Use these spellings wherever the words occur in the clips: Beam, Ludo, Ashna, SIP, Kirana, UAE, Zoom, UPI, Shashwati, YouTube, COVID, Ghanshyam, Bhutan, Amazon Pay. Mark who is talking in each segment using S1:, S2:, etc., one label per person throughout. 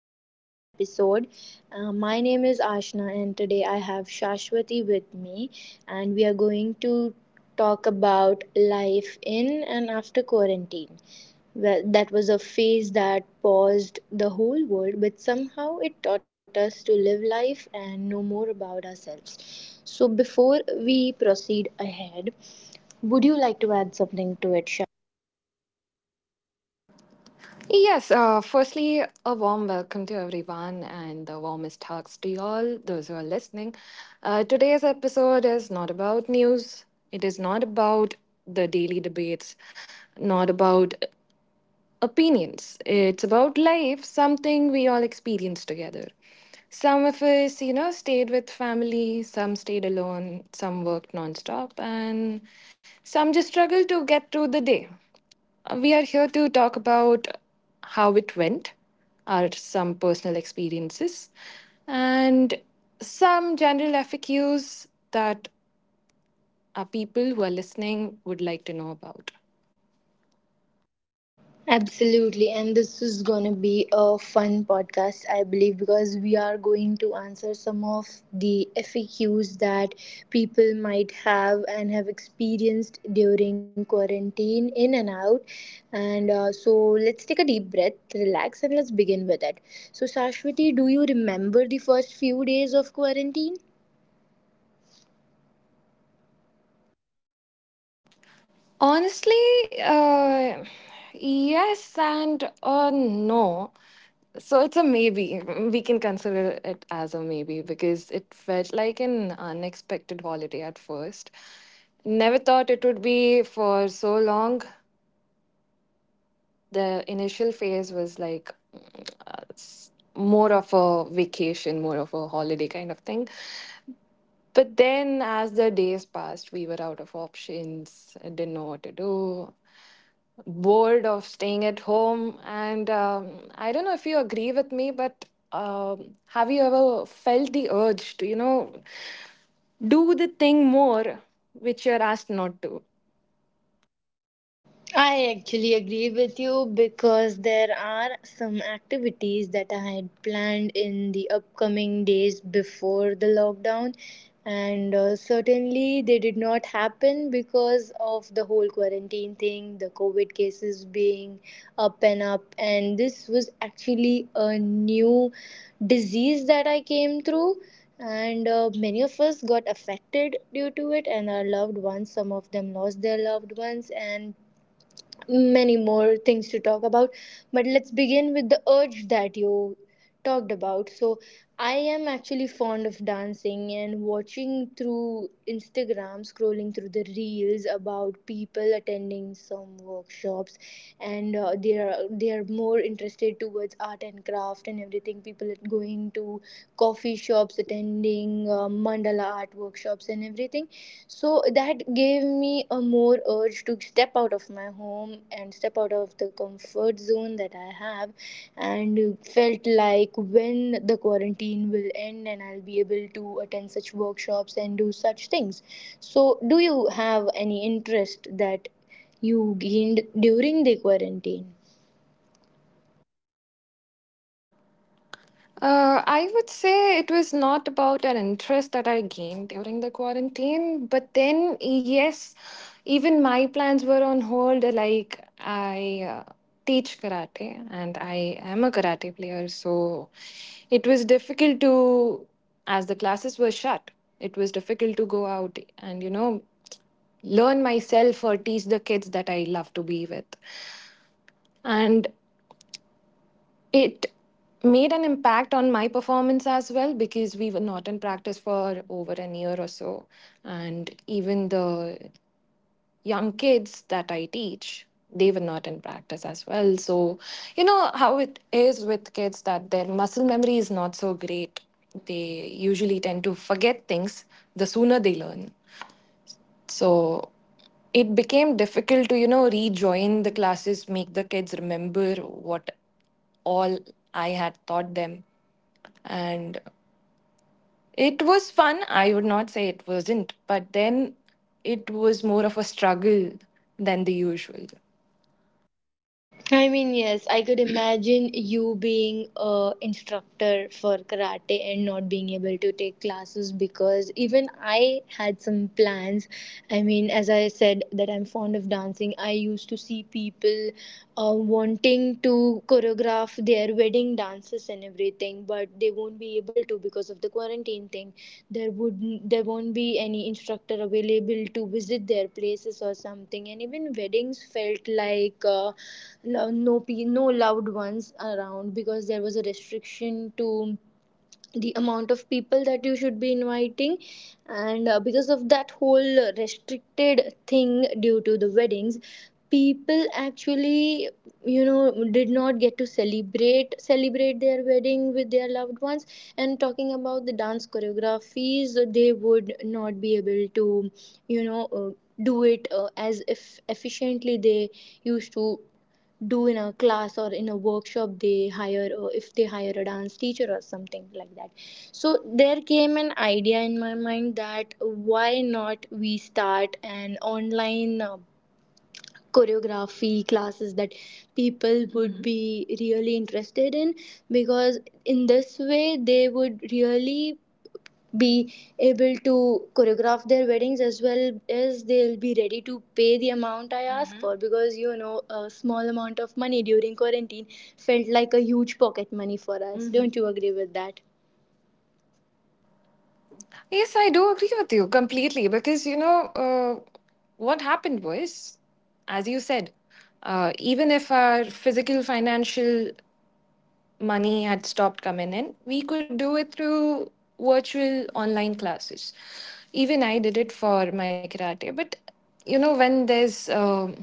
S1: podcast episode. My name is Ashna, and today I have Shashwati with me, and we are going to talk about life in and after quarantine. Well, that was a phase that paused the whole world, but somehow it taught us to live life and know more about ourselves. So, before we proceed ahead, would you like to add something to it?
S2: Yes, firstly, a warm welcome to everyone and the warmest hugs to you all, those who are listening. Today's episode is not about news, it is not about the daily debates, not about opinions. It's about life, something we all experience together. Some of us, you know, stayed with family, some stayed alone, some worked nonstop, and some just struggled to get through the day. We are here to talk about how it went, our some personal experiences, and some general FAQs that our people who are listening would like to know about.
S1: Absolutely, and this is going to be a fun podcast, I believe, because we are going to answer some of the FAQs that people might have and have experienced during quarantine in and out. And so, let's take a deep breath, relax, and let's begin with it. So, Sashwati, do you remember the first few days of quarantine?
S2: Honestly, uh, yes and no. So it's a maybe. We can consider it as a maybe because it felt like an unexpected holiday at first. Never thought it would be for so long, the initial phase was like more of a vacation, more of a holiday kind of thing. But then, as the days passed, we were out of options, I didn't know what to do, bored of staying at home. And I don't know if you agree with me, but have you ever felt the urge to, you know, do the thing more which you're asked not to?
S1: I actually agree with you because there are some activities that I had planned in the upcoming days before the lockdown, and certainly they did not happen because of the whole quarantine thing, the COVID cases being up and up, and this was actually a new disease that I came through. And many of us got affected due to it, and our loved ones, some of them lost their loved ones, and many more things to talk about, but let's begin with the urge that you talked about. So I am actually fond of dancing and watching through Instagram, scrolling through the reels about people attending some workshops, and they are more interested towards art and craft and everything. People are going to coffee shops, attending mandala art workshops and everything. So that gave me a more urge to step out of my home and step out of the comfort zone that I have, and felt like when the quarantine will end and I'll be able to attend such workshops and do such things. So do you have any interest that you gained during the quarantine?
S2: I would say it was not about an interest that I gained during the quarantine, but then, yes, even my plans were on hold. Like, I teach karate and I am a karate player, so it was difficult to, as the classes were shut, it was difficult to go out and, you know, learn myself or teach the kids that I love to be with. And it made an impact on my performance as well because we were not in practice for over an year or so. And even the young kids that I teach, they were not in practice as well. So, you know how it is with kids that their muscle memory is not so great. They usually tend to forget things the sooner they learn. So it became difficult to, you know, rejoin the classes, make the kids remember what all I had taught them. And it was fun. I would not say it wasn't, but then it was more of a struggle than the usual.
S1: I mean, yes, I could imagine you being a instructor for karate and not being able to take classes, because even I had some plans. I mean, as I said that I'm fond of dancing, I used to see people wanting to choreograph their wedding dances and everything, but they won't be able to because of the quarantine thing. there would there won't be any instructor available to visit their places or something. And even weddings felt like no loved ones around, because there was a restriction to the amount of people that you should be inviting. And because of that whole restricted thing due to the weddings, people actually, you know, did not get to celebrate their wedding with their loved ones. And talking about the dance choreographies, they would not be able to, you know, do it as if efficiently they used to do in a class or in a workshop they hire, or if they hire a dance teacher or something like that. So there came an idea in my mind, that why not we start an online choreography classes that people would, mhm, be really interested in, because in this way they would really be able to choreograph their weddings, as well as they'll be ready to pay the amount I asked, mm-hmm, for, because you know, a small amount of money during quarantine felt like a huge pocket money for us. Mm-hmm. Don't you agree with that?
S2: Yes, I do agree with you completely because, you know, what happened was, as you said, even if our physical, financial money had stopped coming in, we could do it through virtual online classes. Even I did it for my karate. But, you know, when there's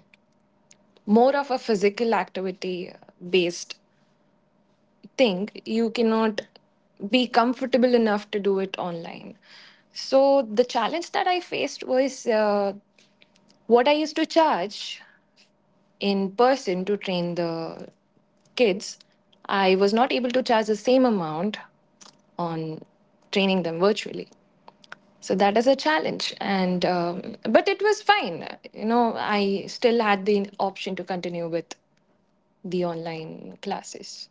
S2: more of a physical activity based thing, you cannot be comfortable enough to do it online. So the challenge that I faced was what I used to charge in person to train the kids, I was not able to charge the same amount on training them virtually. So that is a challenge, and but it was fine. You know, I still had the option to continue with the online classes.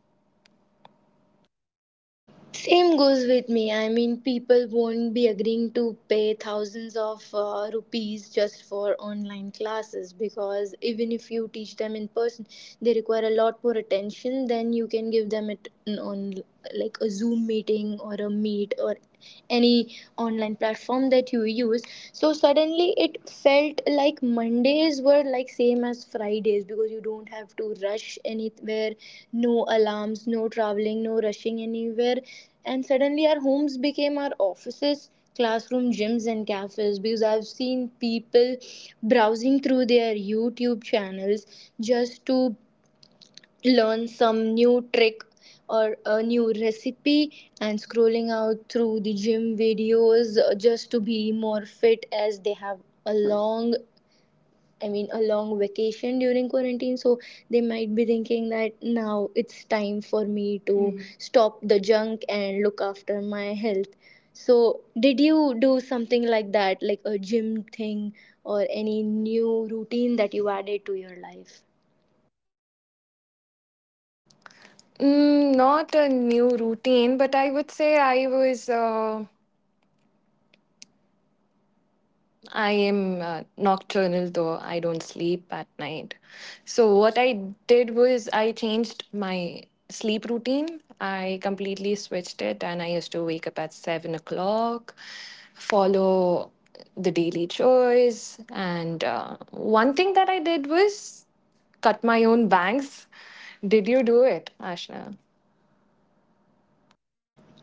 S1: Same goes with me. I mean, people won't be agreeing to pay thousands of rupees just for online classes, because even if you teach them in person, they require a lot more attention than you can give them it on like a Zoom meeting or a meet or any online platform that you use. So suddenly it felt like Mondays were like same as Fridays, because you don't have to rush anywhere. No alarms, no traveling, no rushing anywhere. And suddenly our homes became our offices, classroom, gyms, and cafes, because I've seen people browsing through their YouTube channels just to learn some new trick or a new recipe, and scrolling out through the gym videos, just to be more fit as they have a long, I mean, a long vacation during quarantine. So they might be thinking that now it's time for me to, mhm, stop the junk and look after my health. So did you do something like that, like a gym thing, or any new routine that you added to your life?
S2: Mm, not a new routine, but I would say I was. I am nocturnal though I don't sleep at night. So what I did was I changed my sleep routine. I completely switched it and I used to wake up at 7 o'clock, follow the daily chores. And one thing that I did was cut my own bangs. Did you do it, Ashna?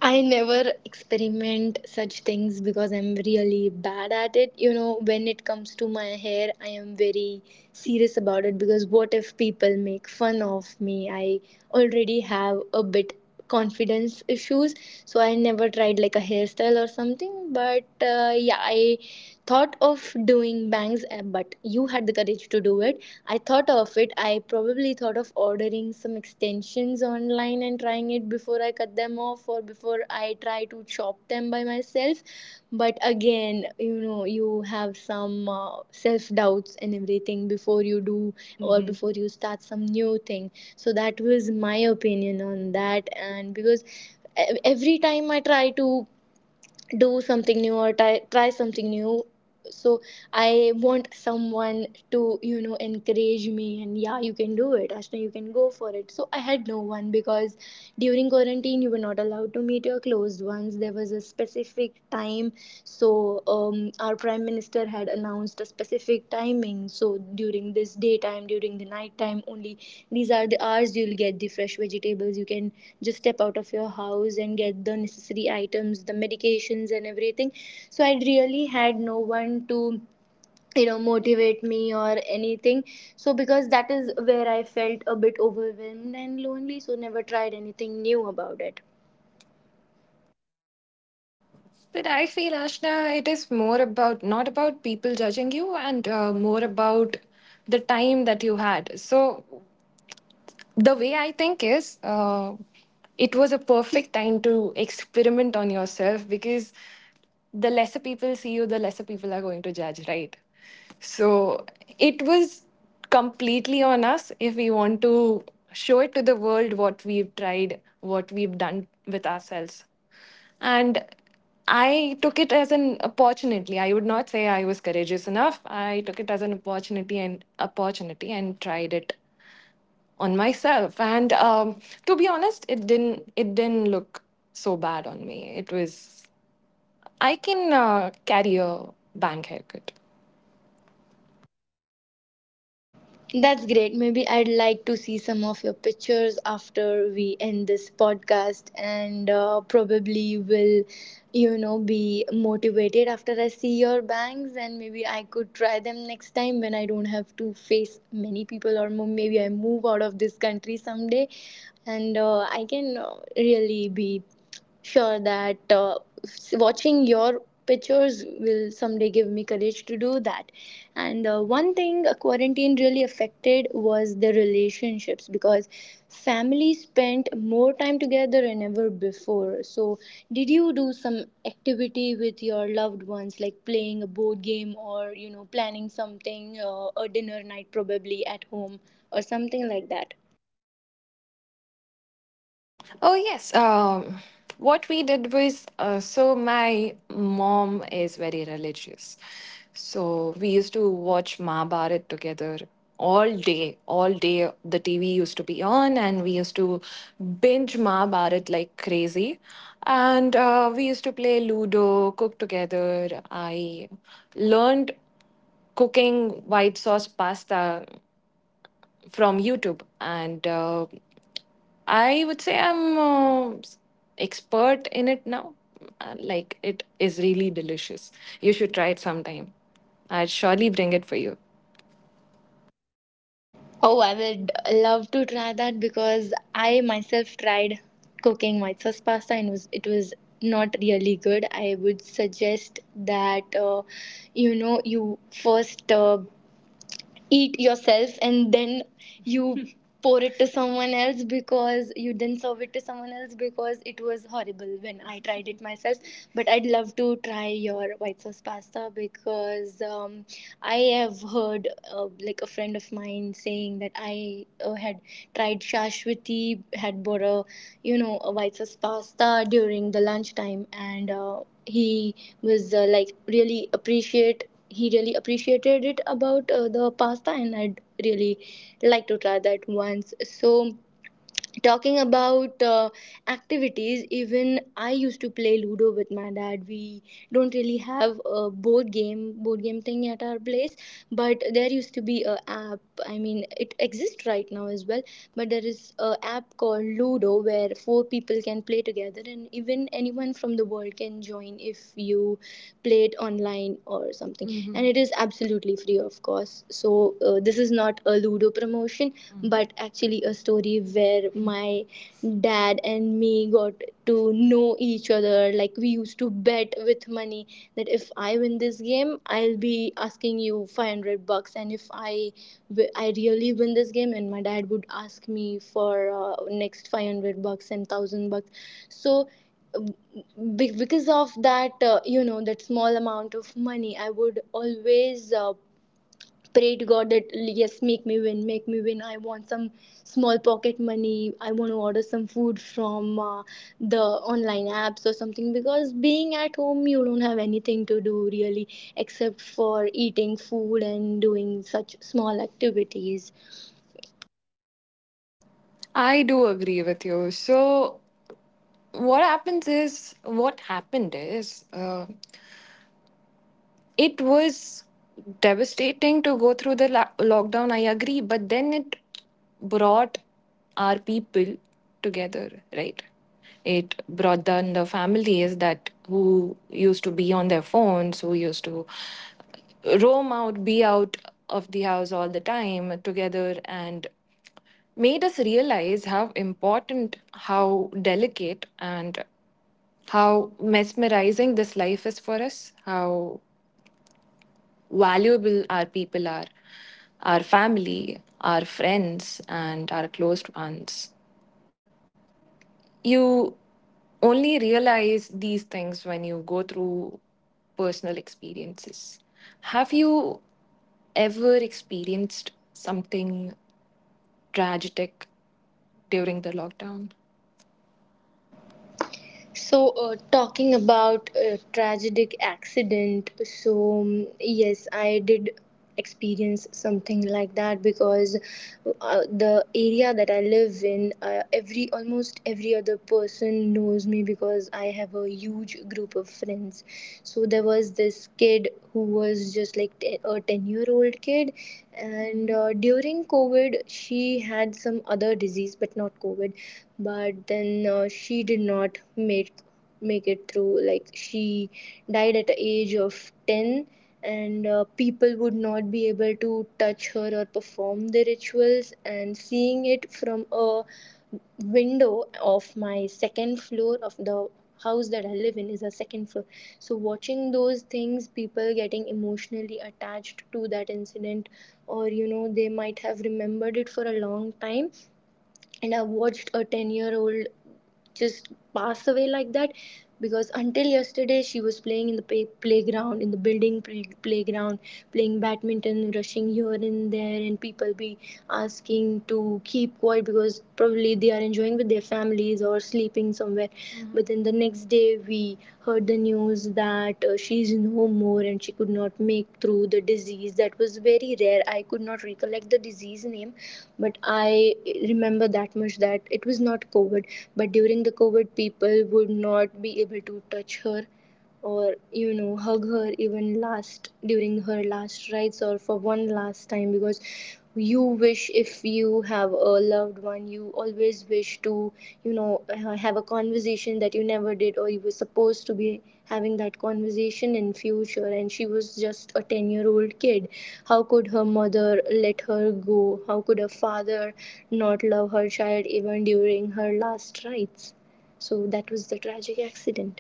S1: I never experiment such things because I'm really bad at it. You know, when it comes to my hair, I am very serious about it, because what if people make fun of me? I already have a bit confidence issues, so I never tried like a hairstyle or something. But, yeah, I thought of doing bangs, but you had the courage to do it. I thought of it. I probably thought of ordering some extensions online and trying it before I cut them off or before I try to chop them by myself. But again, you know, you have some self doubts and everything before you do or before you start some new thing. So that was my opinion on that. And because every time I try to do something new or try something new, so I want someone to, encourage me, and yeah, you can do it, Ashna, you can go for it. So I had no one, because during quarantine you were not allowed to meet your closed ones. There was a specific time. So, our prime minister had announced a specific timing. So, during this daytime, during the nighttime, only these are the hours you'll get the fresh vegetables. You can just step out of your house and get the necessary items, the medications, and everything. So, I really had no one to, motivate me or anything. So because that is where I felt a bit overwhelmed and lonely, so never tried anything new about it.
S2: But I feel, Ashna, it is more about not about people judging you and more about the time that you had. So the way I think is, it was a perfect time to experiment on yourself because the lesser people see you, the lesser people are going to judge, right? So it was completely on us if we want to show it to the world what we've tried, what we've done with ourselves. And I took it as an opportunity. I would not say I was courageous enough. I took it as an opportunity and opportunity and tried it on myself and to be honest it didn't look so bad on me. It was, I can carry a bank haircut.
S1: That's great. Maybe I'd like to see some of your pictures after we end this podcast, and probably will, you know, be motivated after I see your bangs, and maybe I could try them next time when I don't have to face many people, or maybe I move out of this country someday, and I can really be sure that watching your pictures will someday give me courage to do that. And one thing quarantine really affected was the relationships, because family spent more time together than ever before. So did you do some activity with your loved ones, like playing a board game, or planning something, a dinner night probably at home or something like that?
S2: Oh, yes. What we did was so my mom is very religious. So we used to watch Mahabharat together all day. All day, the TV used to be on, and we used to binge Mahabharat like crazy. And we used to play Ludo, cook together. I learned cooking white sauce pasta from YouTube, and I would say I'm expert in it now. Like it is really delicious. You should try it sometime. I'd surely bring it for you.
S1: Oh, I would love to try that because I myself tried cooking white sauce pasta, and was it was not really good. I would suggest that you first eat yourself, and then you pour it to someone else, because you then serve it to someone else, because it was horrible when I tried it myself. But I'd love to try your white sauce pasta, because I have heard like a friend of mine saying that I had tried Shashwati, had bought a, a white sauce pasta during the lunchtime, and he was like really appreciate he really appreciated it about the pasta, and I'd really like to try that once. So talking about activities, even I used to play Ludo with my dad. We don't really have a board game thing at our place, but there used to be a app, I mean, it exists right now as well. But there is a app called Ludo where four people can play together, and even anyone from the world can join if you play it online or something. Mhm. And it is absolutely free, of course. So, this is not a Ludo promotion, but actually a story where my dad and me got to know each other. Like, we used to bet with money, that if I win this game, I'll be asking you 500 bucks, and if I really win this game, and my dad would ask me for uh, next 500 bucks and 1000 bucks. So, because of that that small amount of money, I would always pray to God that yes, make me win, make me win. I want some small pocket money, I want to order some food from the online apps or something because being at home you don't have anything to do really except for eating food and doing such small activities.
S2: I do agree with you. So what happened is. It was devastating to go through the lockdown, I agree, but then it brought our people together, right? It brought down the families that who used to be on their phones, who used to roam out, be out of the house all the time, together, and made us realize how important, how delicate, and how mesmerizing this life is for us, how valuable our people are, our family, our friends, and our closed ones. You only realize these things when you go through personal experiences. Have you ever experienced something tragic during the lockdown?
S1: So, talking about a tragic accident, so yes, I did experience something like that because the area that I live in, every almost every other person knows me because I have a huge group of friends. So there was this kid who was just like 10, 10-year-old kid, and during covid she had some other disease but not covid, but then she did not make make it through. Like, she died at the age of 10. And people would not be able to touch her or perform the rituals, and seeing it from a window of my second floor of the house that I live in is a second floor. So watching those things, people getting emotionally attached to that incident, or you know, they might have remembered it for a long time. And I watched a 10-year-old just pass away like that, because until yesterday she was playing in the playground, in the building playground, playing badminton, rushing here and there, and people be asking to keep quiet because probably they are enjoying with their families or sleeping somewhere. Mhm. But then the next day, we heard the news that she is no more and she could not make through the disease. That was very rare. I could not recollect the disease name, but I remember that much, that it was not COVID. But during the COVID, people would not be able to touch her or, you know, hug her even last during her last rites or for one last time, because you wish, if you have a loved one, you always wish to, you know, have a conversation that you never did, or you were supposed to be having that conversation in future. And she was just a 10-year-old kid. How could her mother let her go? How could her father not love her child even during her last rites? So that was the tragic accident.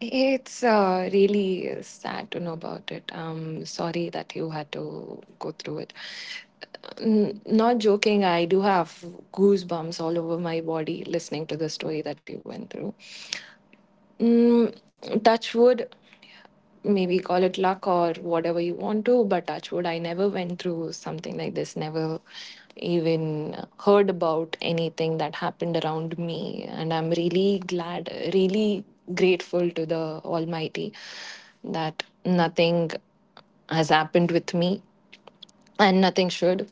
S2: It's really sad to know about it. I'm sorry that you had to go through it. Not joking, I do have goosebumps all over my body listening to the story that you went through. Mm, touch wood, maybe call it luck or whatever you want to, but touch wood, I never went through something like this, never even heard about anything that happened around me. And I'm really glad, really grateful to the Almighty that nothing has happened with me and nothing should.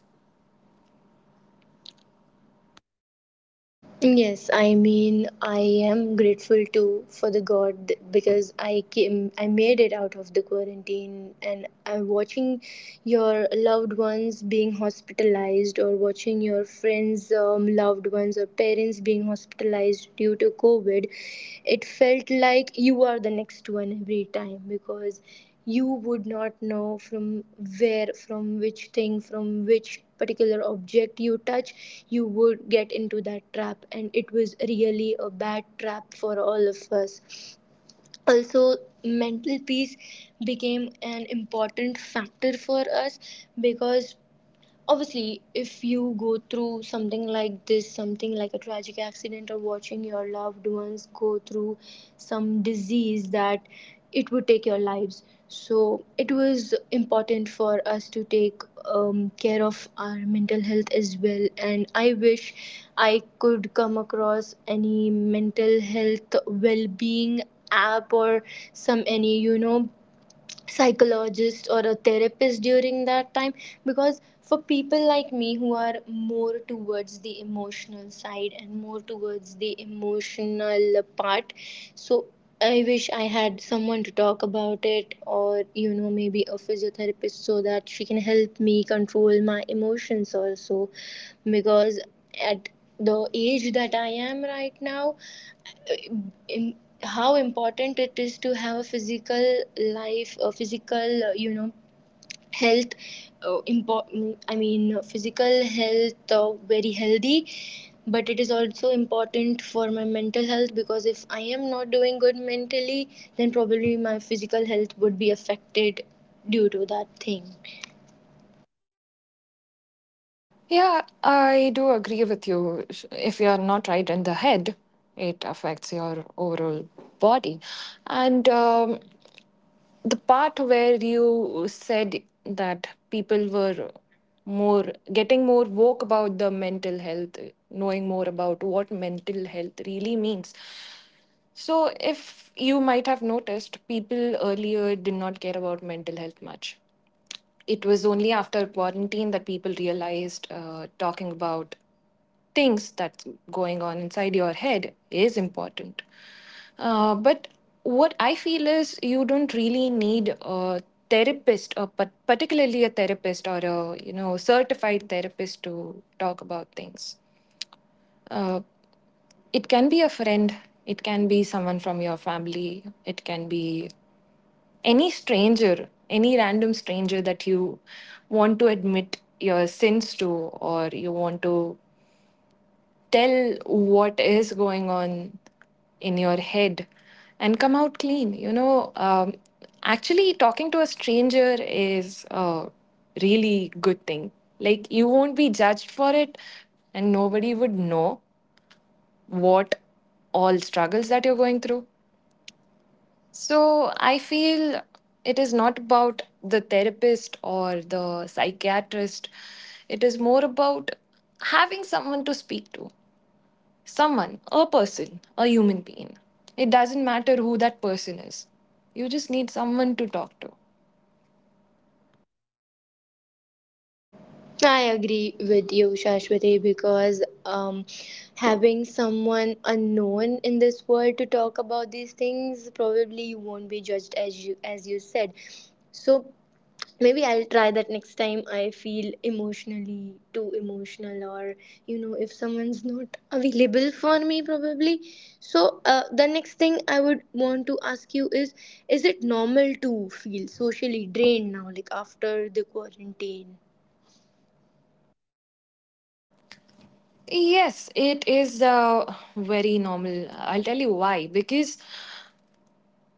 S1: Yes, I mean, I am grateful to, for the God because I came, I made it out of the quarantine. And I'm watching your loved ones being hospitalized, or watching your friends, loved ones or parents being hospitalized due to COVID, it felt like you are the next one every time, because you would not know from where, from which thing, from which particular object you touch, you would get into that trap. And it was really a bad trap for all of us. Also, mental peace became an important factor for us, because obviously, if you go through something like this, something like a tragic accident or watching your loved ones go through some disease that it would take your lives, so it was important for us to take care of our mental health as well. And I wish I could come across any mental health well-being app or some, any, you know, psychologist or a therapist during that time. Because for people like me who are more towards the emotional side and more towards the emotional part, so I wish I had someone to talk about it, or you know, maybe a physiotherapist so that she can help me control my emotions also. Because at the age that I am right now, im- how important it is to have a physical life, a physical, you know, health, important, I mean, physical health, very healthy. But it is also important for my mental health, because if I am not doing good mentally, then probably my physical health would be affected due to that thing.
S2: Yeah, I do agree with you. If you are not right in the head, it affects your overall body. And the part where you said that people were more getting more woke about the mental health, knowing more about what mental health really means. So, if you might have noticed, people earlier did not care about mental health much. It was only after quarantine that people realized talking about things that's going on inside your head is important. But what I feel is you don't really need a therapist, or particularly a therapist or a, you know, certified therapist to talk about things. Uh, it can be a friend, it can be someone from your family, it can be any stranger, any random stranger that you want to admit your sins to, or you want to tell what is going on in your head and come out clean. You know, actually, talking to a stranger is a really good thing. Like, you won't be judged for it, and nobody would know what all struggles that you're going through. So I feel it is not about the therapist or the psychiatrist, it is more about having someone to speak to, someone, a person, a human being. It doesn't matter who that person is, you just need someone to talk to.
S1: I agree with you, Shashwati, because having someone unknown in this world to talk about these things, probably you won't be judged, as you said. So maybe I'll try that next time I feel emotionally too emotional, or you know, if someone's not available for me, probably. So the next thing I would want to ask you is it normal to feel socially drained now, like after the quarantine?
S2: Yes, it is very normal. I'll tell you why. Because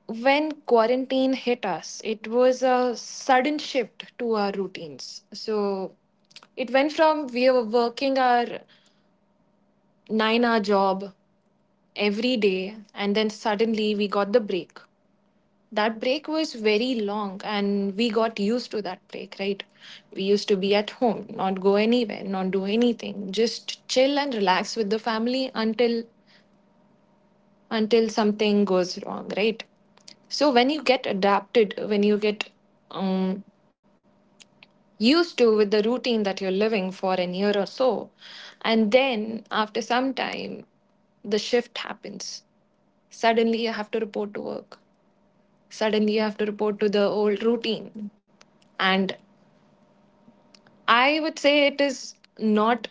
S2: when quarantine hit us, it was a sudden shift to our routines. So it went from we were working our 9 hour job every day, and then suddenly we got the break. That break was very long, and we got used to that break, right? We used to be at home, not go anywhere, not do anything, just chill and relax with the family until something goes wrong, right? So when you get adapted, when you get um, used to with the routine that you're living for a year or so, and then after some time, the shift happens. Suddenly you have to report to work. Suddenly you have to report to the old routine. And I would say it is not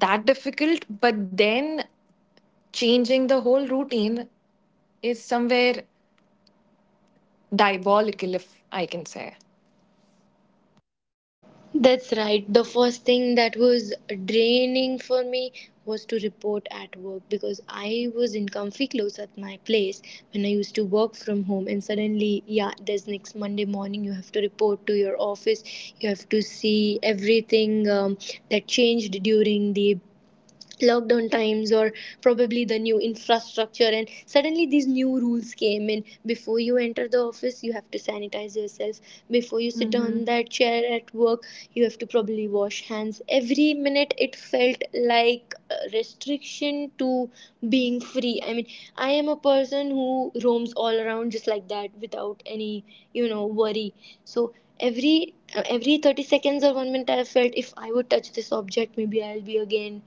S2: that difficult, but then changing the whole routine is somewhere diabolical, if I can say.
S1: That's right. The first thing that was draining for me was to report at work, because I was in comfy clothes at my place when I used to work from home, and suddenly, yeah, there's next Monday morning, you have to report to your office, you have to see everything that changed during the lockdown times, or probably the new infrastructure. And suddenly these new rules came in: before you enter the office, you have to sanitize yourself; before you sit on hmm that chair at work, you have to probably wash hands every minute. It felt like a restriction to being free. I mean, I am a person who roams all around just like that without any, you know, worry. So every every 30 seconds or one minute, I felt if I would touch this object, maybe I'll be again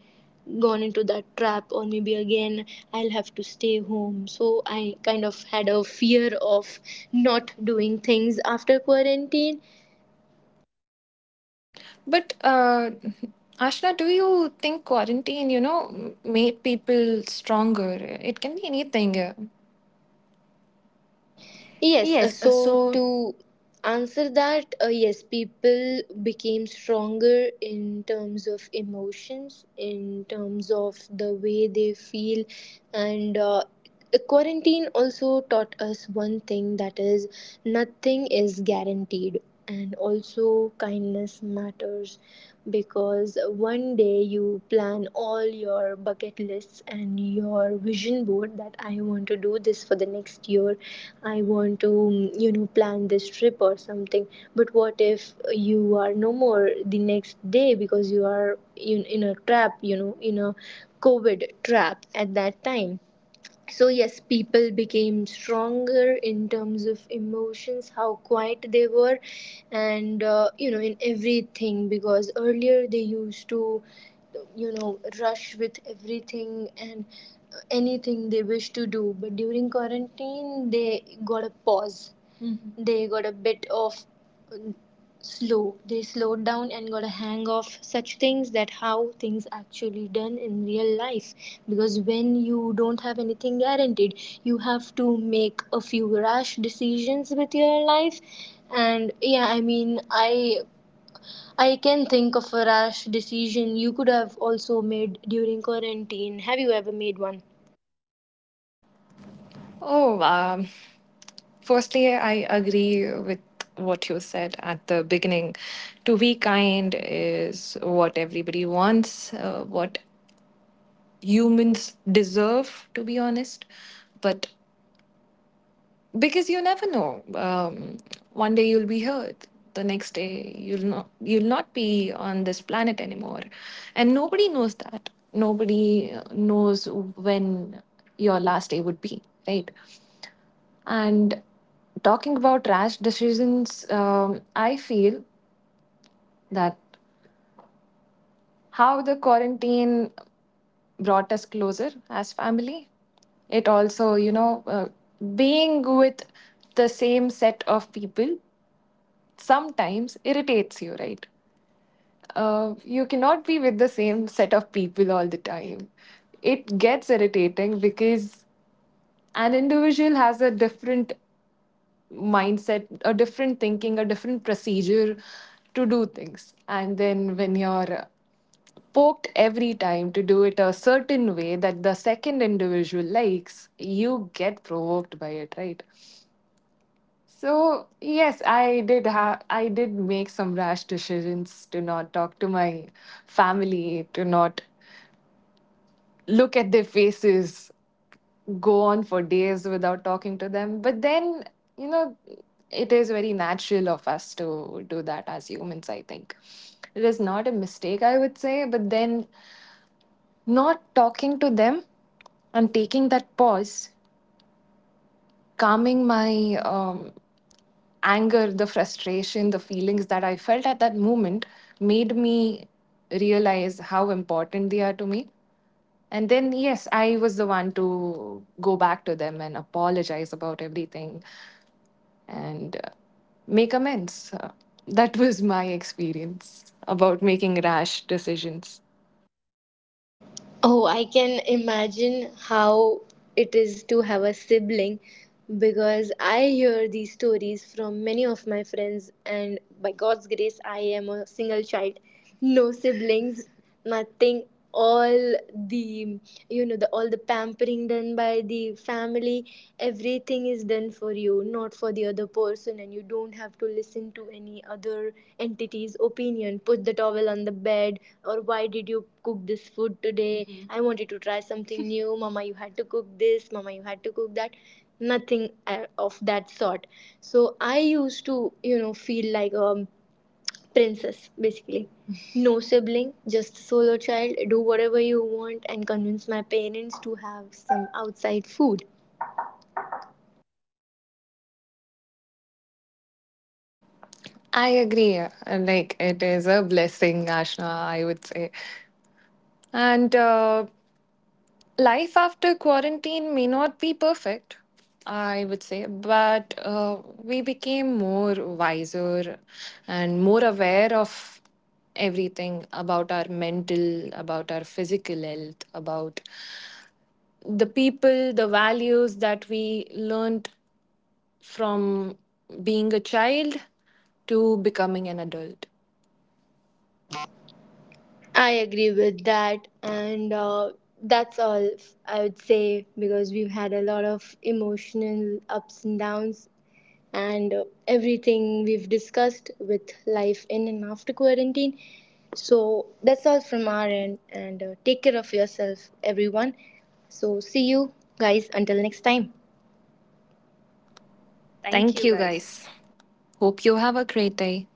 S1: gone into that trap, or maybe again I'll have to stay home. So I kind of had a fear of not doing things after quarantine.
S2: But Ashna, do you think quarantine, you know, made people stronger? It can be anything.
S1: Yes,
S2: Yes,
S1: so to answer that, yes, people became stronger in terms of emotions, in terms of the way they feel, and quarantine also taught us one thing, that is, nothing is guaranteed, and also kindness matters. Because one day you plan all your bucket lists and your vision board that I want to do this for the next year, I want to, you know, plan this trip or something. But what if you are no more the next day because you are in a trap, you know, in a COVID trap at that time? So, yes, people became stronger in terms of emotions, how quiet they were, and you know, in everything, because earlier they used to, you know, rush with everything and anything they wish to do, but during quarantine, they got a pause, they got a bit of slow. They slowed down and got a hang of such things, that how things actually done in real life. Because when you don't have anything guaranteed, you have to make a few rash decisions with your life. And yeah, I mean, I can think of a rash decision you could have also made during quarantine. Have you ever made one?
S2: Oh, firstly, I agree with what you said at the beginning. To be kind is what everybody wants, what humans deserve, to be honest. But because you never know, one day you'll be hurt, the next day you'll not be on this planet anymore, and nobody knows that, nobody knows when your last day would be, right? And talking about rash decisions, I feel that how the quarantine brought us closer as family, it also, you know, being with the same set of people sometimes irritates you, right? You cannot be with the same set of people all the time. It gets irritating because an individual has a different mindset, a different thinking, a different procedure to do things. And then when you're poked every time to do it a certain way that the second individual likes, you get provoked by it, right? So yes, I did make some rash decisions to not talk to my family, to not look at their faces, go on for days without talking to them. But then, you know, it is very natural of us to do that as humans, I think. It is not a mistake, I would say, but then not talking to them and taking that pause, calming my anger, the frustration, the feelings that I felt at that moment made me realize how important they are to me. And then, yes, I was the one to go back to them and apologize about everything and make amends. That was my experience about making rash decisions.
S1: Oh, I can imagine how it is to have a sibling, because I hear these stories from many of my friends, and by God's grace, I am a single child, no siblings, nothing. All the all the pampering done by the family, everything. Thing is done for you, not for the other person, and you don't have to listen to any other entity's opinion: put the towel on the bed, or why did you cook this food today. Mhm. I wanted to try something new. Mama, you had to cook this, mama, you had to cook that. Nothing of that sort. So I used to, you know, feel like a princess basically, no sibling, just a solo child, do whatever you want and convince my parents to have some outside food.
S2: I agree. Like, it is a blessing, Ashna, I would say. And life after quarantine may not be perfect, I would say, but we became more wiser and more aware of everything, about our mental, about our physical health, about the people, the values that we learned from being a child to becoming an adult.
S1: I agree with that, and that's all I would say, because we've had a lot of emotional ups and downs, and everything we've discussed with life in and after quarantine. So that's all from our end, and take care of yourself, everyone. So, see you guys until next time.
S2: Thank you, guys. Hope you have a great day.